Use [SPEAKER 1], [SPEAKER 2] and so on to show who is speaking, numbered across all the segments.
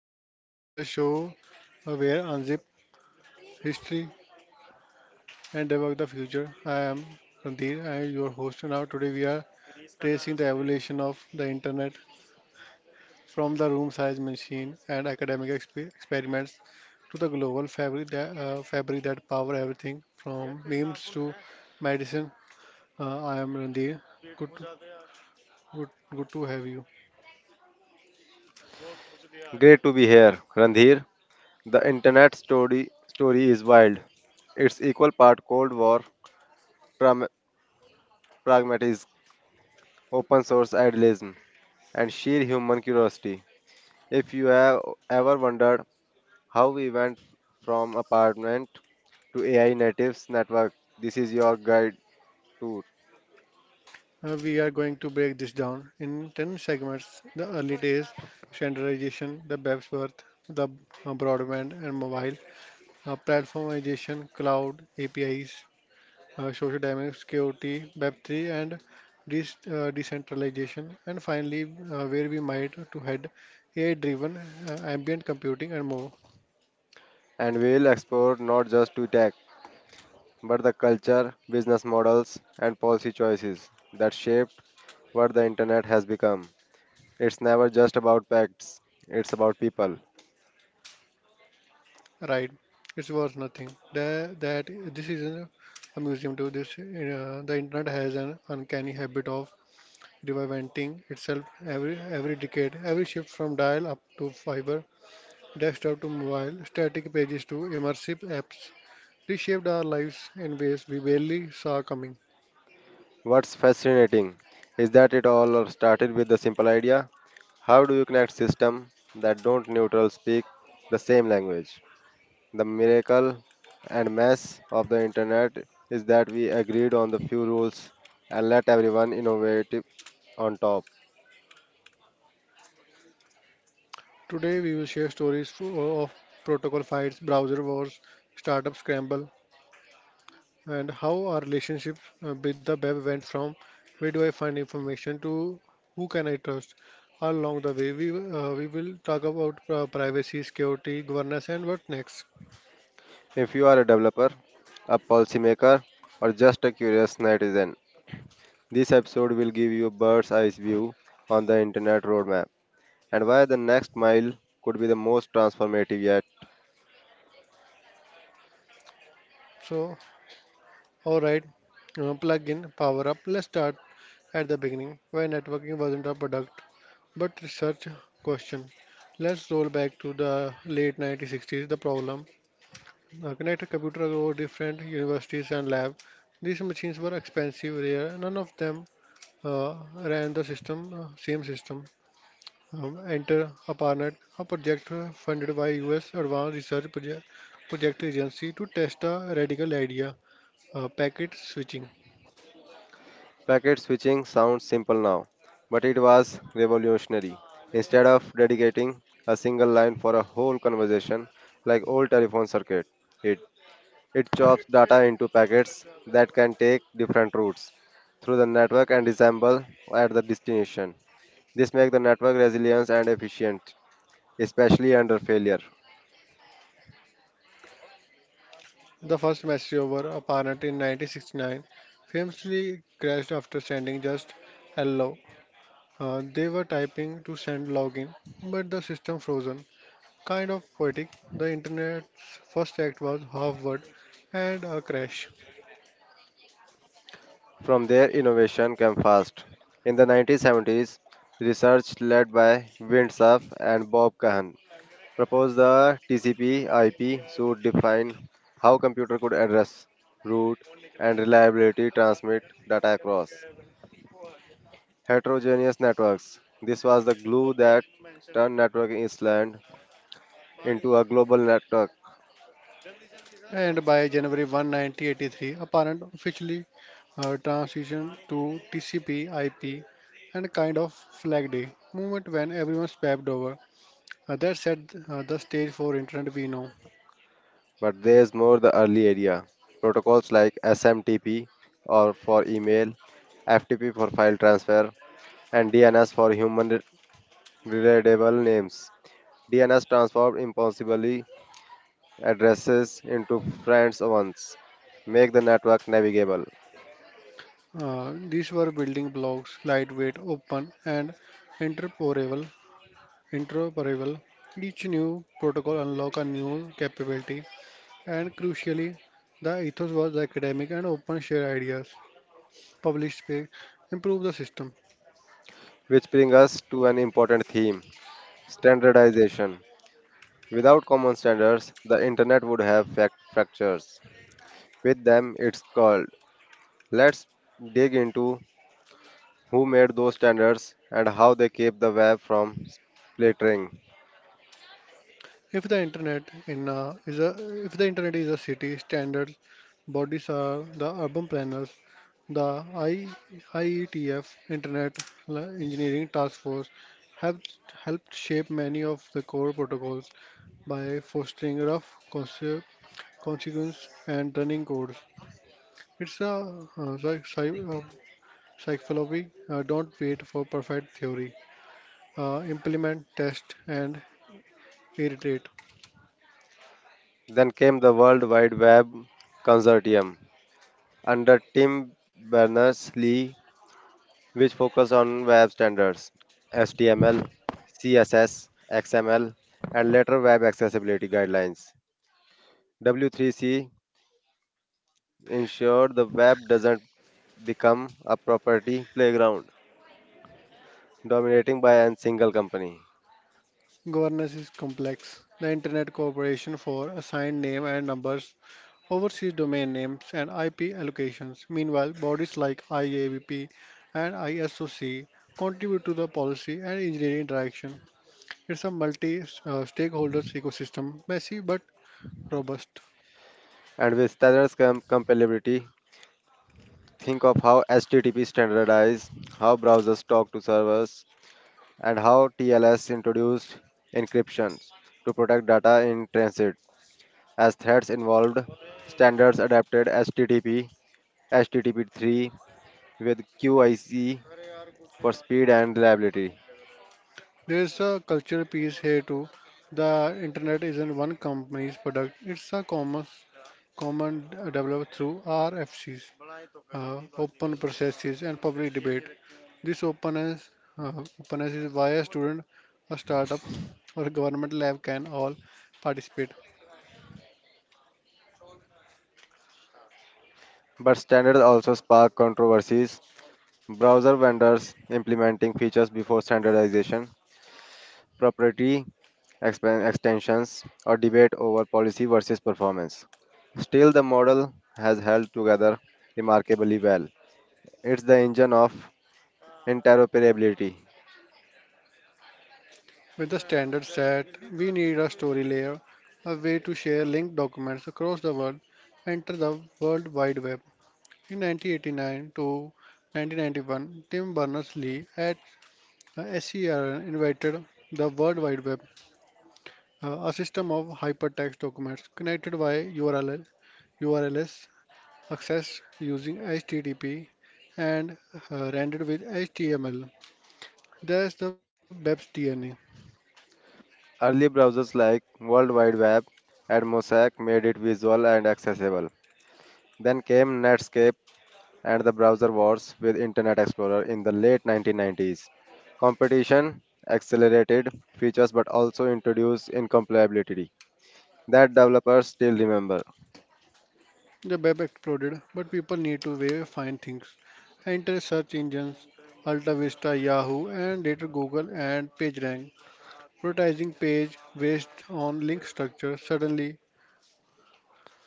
[SPEAKER 1] and Natives, the show where unzip history and debug the future. I am Rantir, I am your host, and now today we are tracing the evolution of the internet from the room size machine and academic experiments to the global fabric that fabric that power everything from memes to medicine. I am Randir. Good to, good, good to have you.
[SPEAKER 2] Great to be here, Randhir. The internet story is wild. It's equal part Cold War, pram- pragmatism, open source idealism, and sheer human curiosity. If you have ever wondered how we went from apartment to AI natives network, this is your guide tour.
[SPEAKER 1] We are going to break this down in 10 segments: the early days, standardization, the BEPS birth, the broadband and mobile, platformization, cloud, APIs, social dynamics, KOT, web 3 and decentralization, and finally, where we might to head AI driven ambient computing and more.
[SPEAKER 2] And we'll explore not just to tech, but the culture, business models, and policy choices that shaped what the internet has become. It's never just about pets, it's about people.
[SPEAKER 1] Right, it's worth nothing. That this isn't a museum to this. The internet has an uncanny habit of reinventing itself every decade. Every shift from dial-up to fiber, desktop to mobile, static pages to immersive apps reshaped our lives in ways we barely saw coming.
[SPEAKER 2] What's fascinating is that it all started with the simple idea, how do you connect systems that don't neutral speak the same language? The miracle and mess of the internet is that we agreed on the few rules and let everyone innovate on top.
[SPEAKER 1] Today, we will share stories of protocol fights, browser wars, startup scramble, and how our relationship with the web went from where do I find information to who can I trust. All along the way, we will talk about privacy, security, governance, and what next.
[SPEAKER 2] If you are a developer, a policymaker, or just a curious netizen, this episode will give you a bird's eye view on the internet roadmap, and why the next mile could be the most transformative yet.
[SPEAKER 1] So, Alright, Plug in, power up. Let's start at the beginning where networking wasn't a product but research question. Let's roll back to the late 1960s. The problem: connected computer over different universities and lab. These machines were expensive, rare. None of them uh, ran the system, same system. Enter ARPANET, a project funded by U.S. Advanced Research Project Agency to test a radical idea, packet switching.
[SPEAKER 2] Packet switching sounds simple now, but it was revolutionary. Instead of dedicating a single line for a whole conversation like old telephone circuit, it it chops data into packets that can take different routes through the network and assemble at the destination. This makes the network resilient and efficient, especially under failure.
[SPEAKER 1] The first match over, apparent in 1969, famously crashed after sending just hello. They were typing to send login, but the system frozen. Kind of poetic, the internet's first act was half word and a crash.
[SPEAKER 2] From there, innovation came fast. In the 1970s, research led by Winthrop and Bob Kahn proposed the TCP/IP should define how computer could address, route, and reliability transmit data across heterogeneous networks. This was the glue that turned networking Island into a global network.
[SPEAKER 1] And by January 1, 1983, apparent officially transitioned to TCP/IP and kind of flag day movement when everyone swapped over. That set the stage for internet we know.
[SPEAKER 2] But there's more the early area. Protocols like SMTP or for email, FTP for file transfer, and DNS for human readable names. DNS transforms impossibly addresses into friends once, make the network navigable.
[SPEAKER 1] These were building blocks, lightweight, open, and interoperable. Interoperable. Each new protocol unlocked a new capability, and crucially, the ethos was academic and open: share ideas, publish space, improve the system.
[SPEAKER 2] Which brings us to an important theme, standardization. Without common standards, the internet would have fractures. With them, it's called. Let's dig into who made those standards and how they keep the web from splintering.
[SPEAKER 1] If the internet in a, is a If the internet is a city, standards bodies are the urban planners. The IETF, Internet Engineering Task Force, have helped shape many of the core protocols by fostering rough concept, consequence and running codes. It's a like psychology. Don't wait for perfect theory. Implement, test, and iterate.
[SPEAKER 2] Then came the World Wide Web Consortium under Tim Berners-Lee, which focus on web standards, HTML, CSS, XML, and later web accessibility guidelines. W3C ensured the web doesn't become a property playground dominating by a single company.
[SPEAKER 1] Governance is complex. The Internet Corporation for assigned name and numbers oversees domain names and IP allocations. Meanwhile, bodies like IABP and ISOC contribute to the policy and engineering interaction. It's a multi stakeholders ecosystem, messy but robust.
[SPEAKER 2] And with standards compatibility, think of how HTTP standardized, how browsers talk to servers, and how TLS introduced encryptions to protect data in transit, as threads involved. Standards adapted HTTP, HTTP3 with QIC for speed and reliability.
[SPEAKER 1] There's a cultural piece here too. The internet isn't one company's product, it's a common, developed through RFCs, open processes and public debate. This uh, openness is why a student, a startup, or a government lab can all participate.
[SPEAKER 2] But standards also spark controversies. Browser vendors implementing features before standardization, proprietary extensions, or debate over policy versus performance. Still, the model has held together remarkably well. It's the engine of interoperability.
[SPEAKER 1] With the standard set, we need a story layer, a way to share linked documents across the world. Enter the World Wide Web. In 1989 to 1991, Tim Berners-Lee at SERN invited the World Wide Web, a system of hypertext documents connected by URLs accessed using HTTP and rendered with HTML. That's the web's DNA.
[SPEAKER 2] Early browsers like World Wide Web and Mosaic made it visual and accessible. Then came Netscape and the browser wars with Internet Explorer in the late 1990s. Competition accelerated features but also introduced incompatibility that developers still remember,
[SPEAKER 1] The web exploded, but people need to way find things. Enter search engines: Alta Vista, Yahoo, and later Google and PageRank, prioritizing page based on link structure. Suddenly,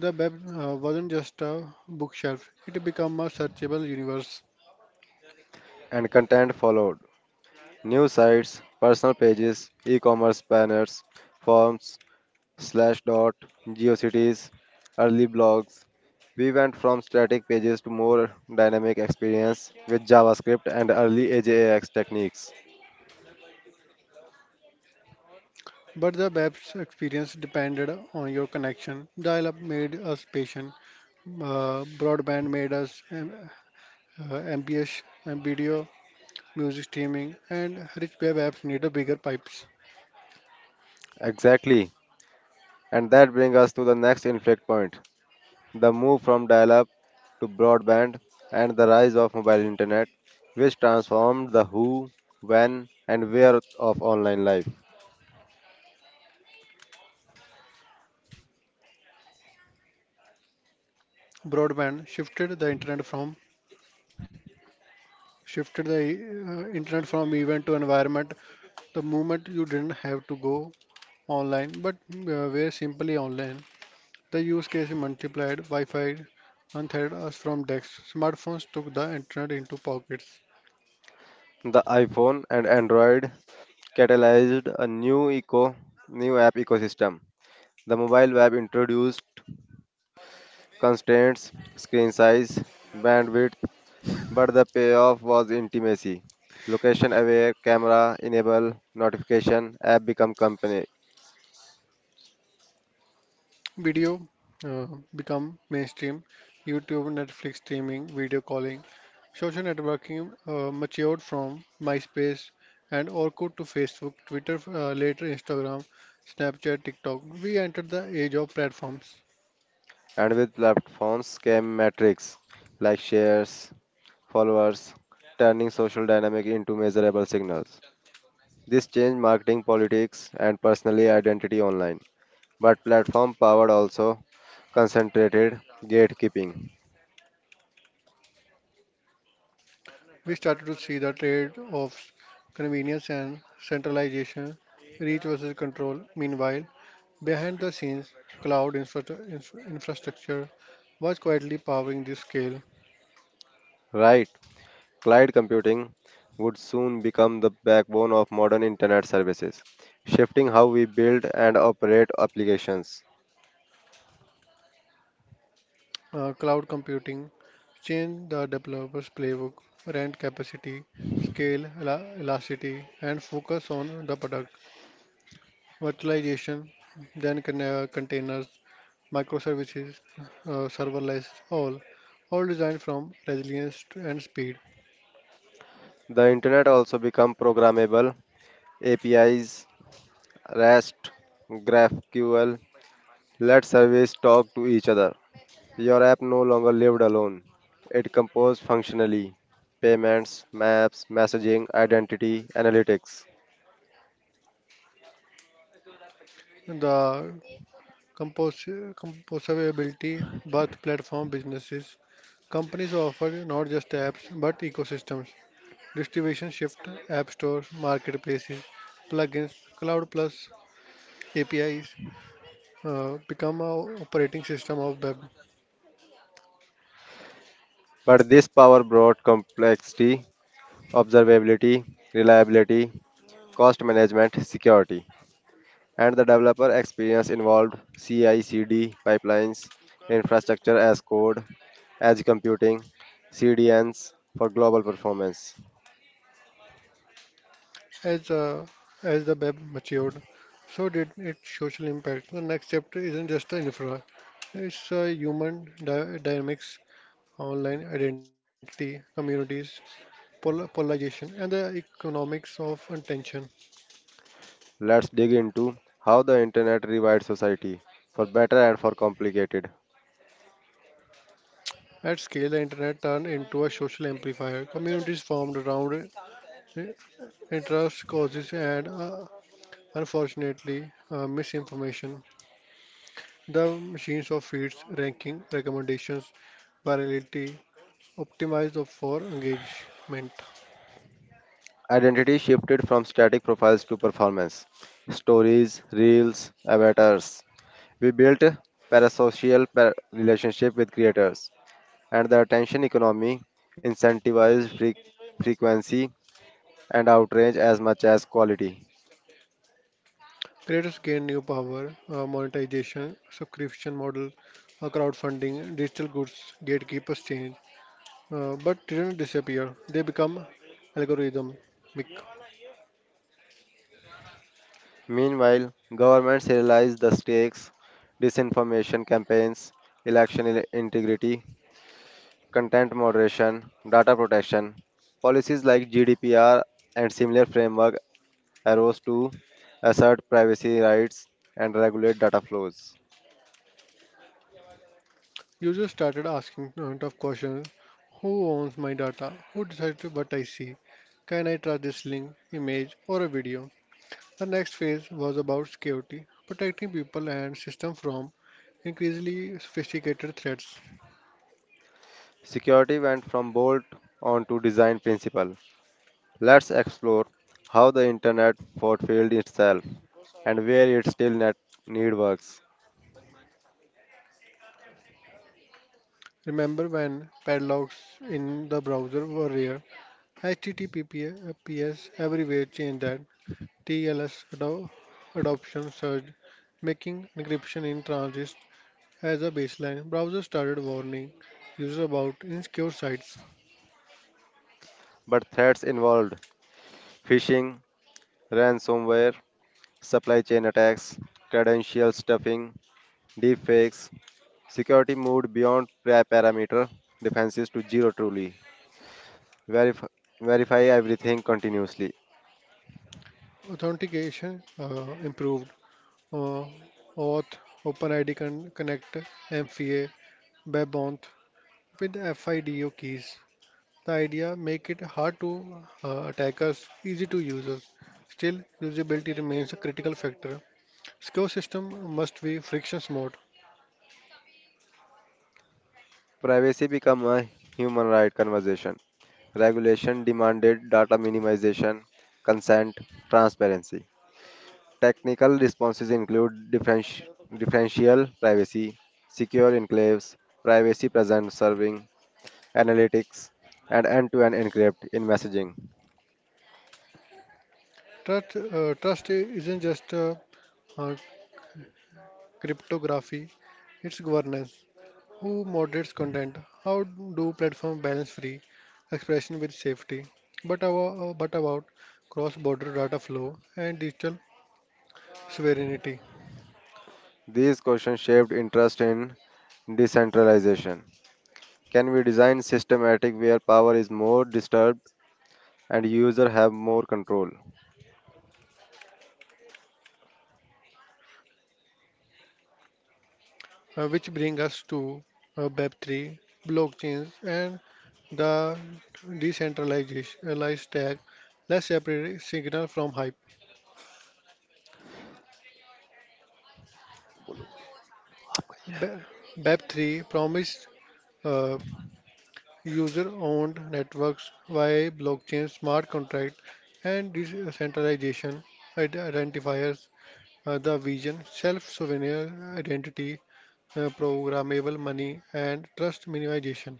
[SPEAKER 1] the web wasn't just a bookshelf; it became a searchable universe.
[SPEAKER 2] and content followed. News sites, personal pages, e commerce banners, forms, slash dot geocities early blogs, we went from static pages to more dynamic experience with javascript and early ajax techniques.
[SPEAKER 1] But the web's experience depended on your connection. Dial-up made us patient. Broadband made us um, uh, MPH, um, video, music streaming, and rich web apps needed bigger pipes.
[SPEAKER 2] Exactly, and that brings us to the next inflection point, the move from dial-up to broadband and the rise of mobile internet, which transformed the who, when and where of online life.
[SPEAKER 1] Broadband shifted the internet from shifted the internet from event to environment. The moment you didn't have to go online, but were simply online. The use case multiplied. Wi-Fi untethered us from desks. Smartphones took the internet into pockets.
[SPEAKER 2] The iphone and android catalyzed a new eco new app ecosystem. The mobile web introduced constraints, screen size, bandwidth, but the payoff was intimacy. Location aware, camera enable, notification, app become company.
[SPEAKER 1] Video uh, become mainstream. YouTube, Netflix streaming, video calling, social networking matured from MySpace and Orkut to Facebook, Twitter, later Instagram, Snapchat, TikTok. We entered the age of platforms.
[SPEAKER 2] And with platforms came metrics like shares, followers, turning social dynamic into measurable signals. This changed marketing politics and personally identity online. But platform powered also concentrated gatekeeping.
[SPEAKER 1] We started to see the trade offs: convenience and centralization, reach versus control. Meanwhile, behind the scenes, cloud infrastructure was quietly powering this scale.
[SPEAKER 2] Right? Cloud computing would soon become the backbone of modern internet services, shifting how we build and operate applications.
[SPEAKER 1] Cloud computing change the developer's playbook: rent capacity, scale elasticity, and focus on the product. Virtualization, then containers, microservices, serverless, all designed from resilience and speed.
[SPEAKER 2] The internet also become programmable. APIs, REST, GraphQL let service talk to each other. Your app no longer lived alone. It composed functionally payments, maps, messaging, identity, analytics.
[SPEAKER 1] The composability, both platform businesses, companies offer not just apps but ecosystems. Distribution shift, app stores, marketplaces, plugins, cloud plus APIs become a operating system of web.
[SPEAKER 2] But this power brought complexity, observability, reliability, cost management, security, and the developer experience involved CI/CD pipelines, infrastructure as code, edge computing, CDNs for global performance.
[SPEAKER 1] As uh, as the web matured, so did its social impact. The next chapter isn't just the infra; it's uh, human dynamics, online identity, communities, polarization, and the economics of attention.
[SPEAKER 2] Let's dig into how the internet rewired society for better and for complicated.
[SPEAKER 1] At scale, the internet turned into a social amplifier. Communities formed around interest causes and, unfortunately, misinformation. The machines of feeds, ranking, recommendations, virality, optimized for engagement.
[SPEAKER 2] Identity shifted from static profiles to performance, stories, reels, avatars. We built parasocial relationship with creators, and the attention economy incentivizes frequency and outrage as much as quality.
[SPEAKER 1] Creators gain new power: monetization, subscription model, crowdfunding, digital goods. Gatekeepers change, but didn't disappear. They become algorithm.
[SPEAKER 2] Meanwhile, governments realize the stakes, disinformation campaigns, election integrity, content moderation, data protection. Policies like GDPR and similar framework arose to assert privacy rights and regulate data flows.
[SPEAKER 1] You just started asking tough questions. Who owns my data? Who decides what I see? Can I trust this link, image, or a video? The next phase was about security, protecting people and system from increasingly sophisticated threats.
[SPEAKER 2] Security went from bolt on to design principle. Let's explore how the internet fulfilled itself and where it still net need works.
[SPEAKER 1] Remember when padlocks in the browser were rare? HTTPS everywhere changed that. TLS adoption surged, making encryption in transit as a baseline. Browsers started warning users about insecure sites.
[SPEAKER 2] But threats involved phishing, ransomware, supply chain attacks, credential stuffing, deepfakes. Security moved beyond parameter defenses to zero truly. Verif- Verify everything continuously.
[SPEAKER 1] Authentication improved. Uh, Auth, OpenID Connect, MFA, WebAuth with FIDO keys. The idea: make it hard to attackers, easy to users. Still, usability remains a critical factor. Secure system must be friction smooth.
[SPEAKER 2] Privacy became a human right conversation. Regulation demanded data minimization, consent, transparency. Technical responses include differential privacy, secure enclaves, privacy present serving, analytics, and end to end encrypt in messaging.
[SPEAKER 1] Trust isn't just uh, cryptography; it's governance. Who moderates content? How do platforms balance free expression with safety? But about cross-border data flow and digital sovereignty,
[SPEAKER 2] These questions shaped interest in decentralization. Can we design systematic where power is more disturbed and user have more control?
[SPEAKER 1] which bring us to Web3, blockchains, and the decentralized tag. Let's separate signal from hype. Be- Web3 promised uh, user-owned networks via blockchain, smart contract, and decentralization identifiers. The vision: self-sovereign identity, programmable money, and trust minimization.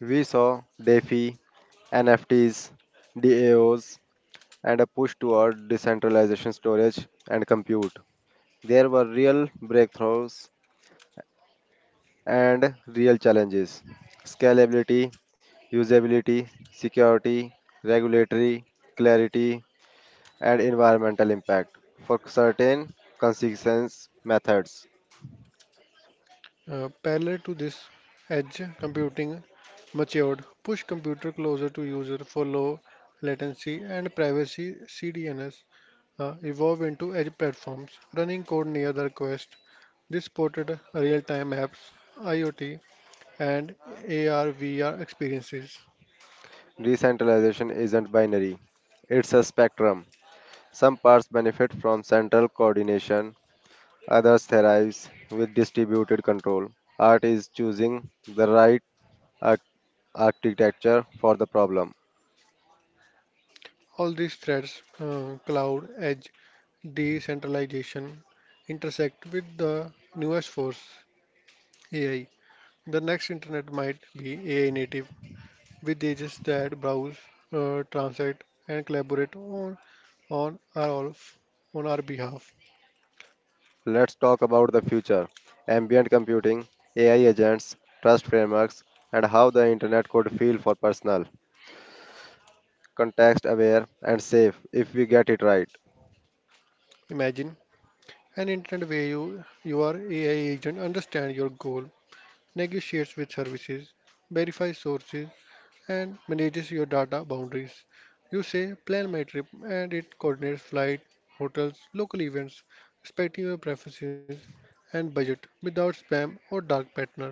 [SPEAKER 2] We saw DeFi, NFTs, DAOs, and a push toward decentralization storage and compute. There were real breakthroughs and real challenges, scalability, usability, security, regulatory clarity, and environmental impact. For certain consistence methods,
[SPEAKER 1] Parallel to this, edge computing matured, push computer closer to user for low latency and privacy. CDNS evolve into edge platforms, running code near the request. This supported real-time apps, IoT, and AR VR experiences.
[SPEAKER 2] decentralization isn't binary, it's a spectrum. Some parts benefit from central coordination, others thrive with distributed control. Art is choosing the right arch- architecture for the problem.
[SPEAKER 1] All these threads, cloud, edge, decentralization, intersect with the newest force, AI. The next internet might be AI native, with agents that browse, translate, and collaborate on our all f- on our behalf.
[SPEAKER 2] Let's talk about the future ambient computing, AI agents, trust frameworks, and how the internet could feel for personal, context aware, and safe if we get it right.
[SPEAKER 1] Imagine an internet where your AI agent understands your goal, negotiates with services, verifies sources and manages your data boundaries. You say plan my trip and it coordinates flight, hotels, local events, respecting your preferences and budget without spam or dark partner.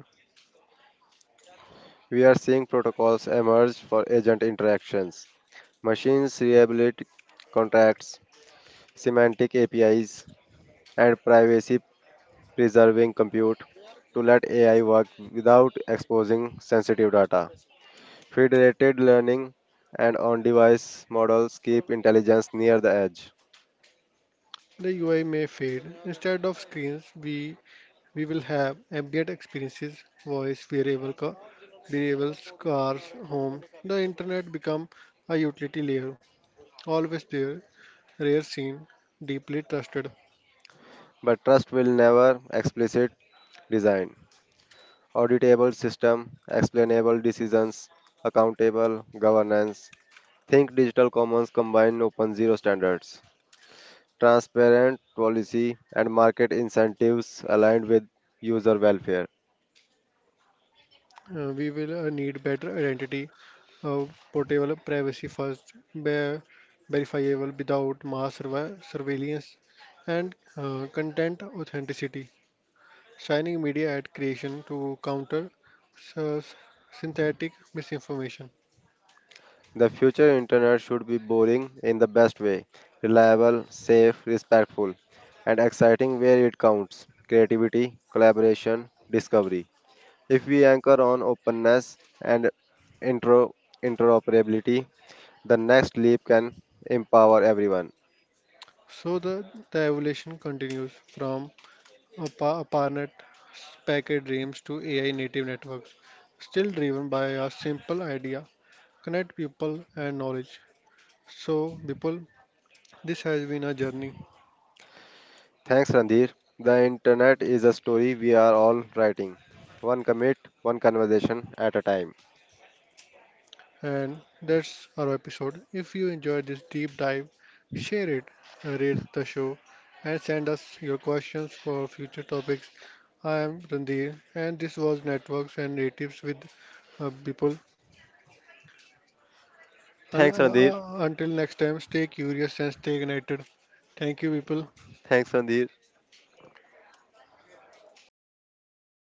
[SPEAKER 2] We are seeing protocols emerge for agent interactions, machines reliability contracts, semantic APIs, and privacy preserving compute to let AI work without exposing sensitive data. Federated learning and on device models keep intelligence near the edge,
[SPEAKER 1] The UI may fade. Instead of screens, we will have ambient experiences: voice, variables, cars, homes. The internet become a utility layer, always there, rare seen, deeply trusted.
[SPEAKER 2] but trust will never explicit design. Auditable system, explainable decisions, accountable governance. Think digital commons combine open zero standards, transparent policy, and market incentives aligned with user welfare.
[SPEAKER 1] We will need better identity, uh, portable privacy first, verifiable without mass surveillance, and content authenticity. Shining media ad creation to counter s- synthetic misinformation.
[SPEAKER 2] The future internet should be boring in the best way, reliable, safe, respectful, and exciting where it counts creativity, collaboration, discovery. If we anchor on openness and intro, interoperability, the next leap can empower everyone.
[SPEAKER 1] So the, the evolution continues from a, pa- a partner packet dreams to AI native networks, still driven by a simple idea: connect people and knowledge. So, Bipul, this has been a journey,
[SPEAKER 2] Thanks, Randhir. The internet is a story we are all writing. One commit, one conversation at a time.
[SPEAKER 1] and that's our episode. If you enjoyed this deep dive, share it, rate the show, and send us your questions for future topics. I am Randir, and this was Networks and Natives with people. Un-
[SPEAKER 2] Thanks,
[SPEAKER 1] uh,
[SPEAKER 2] Randhir.
[SPEAKER 1] uh, until next time, stay curious and stay connected. Thank you, people.
[SPEAKER 2] Thanks, Randhir.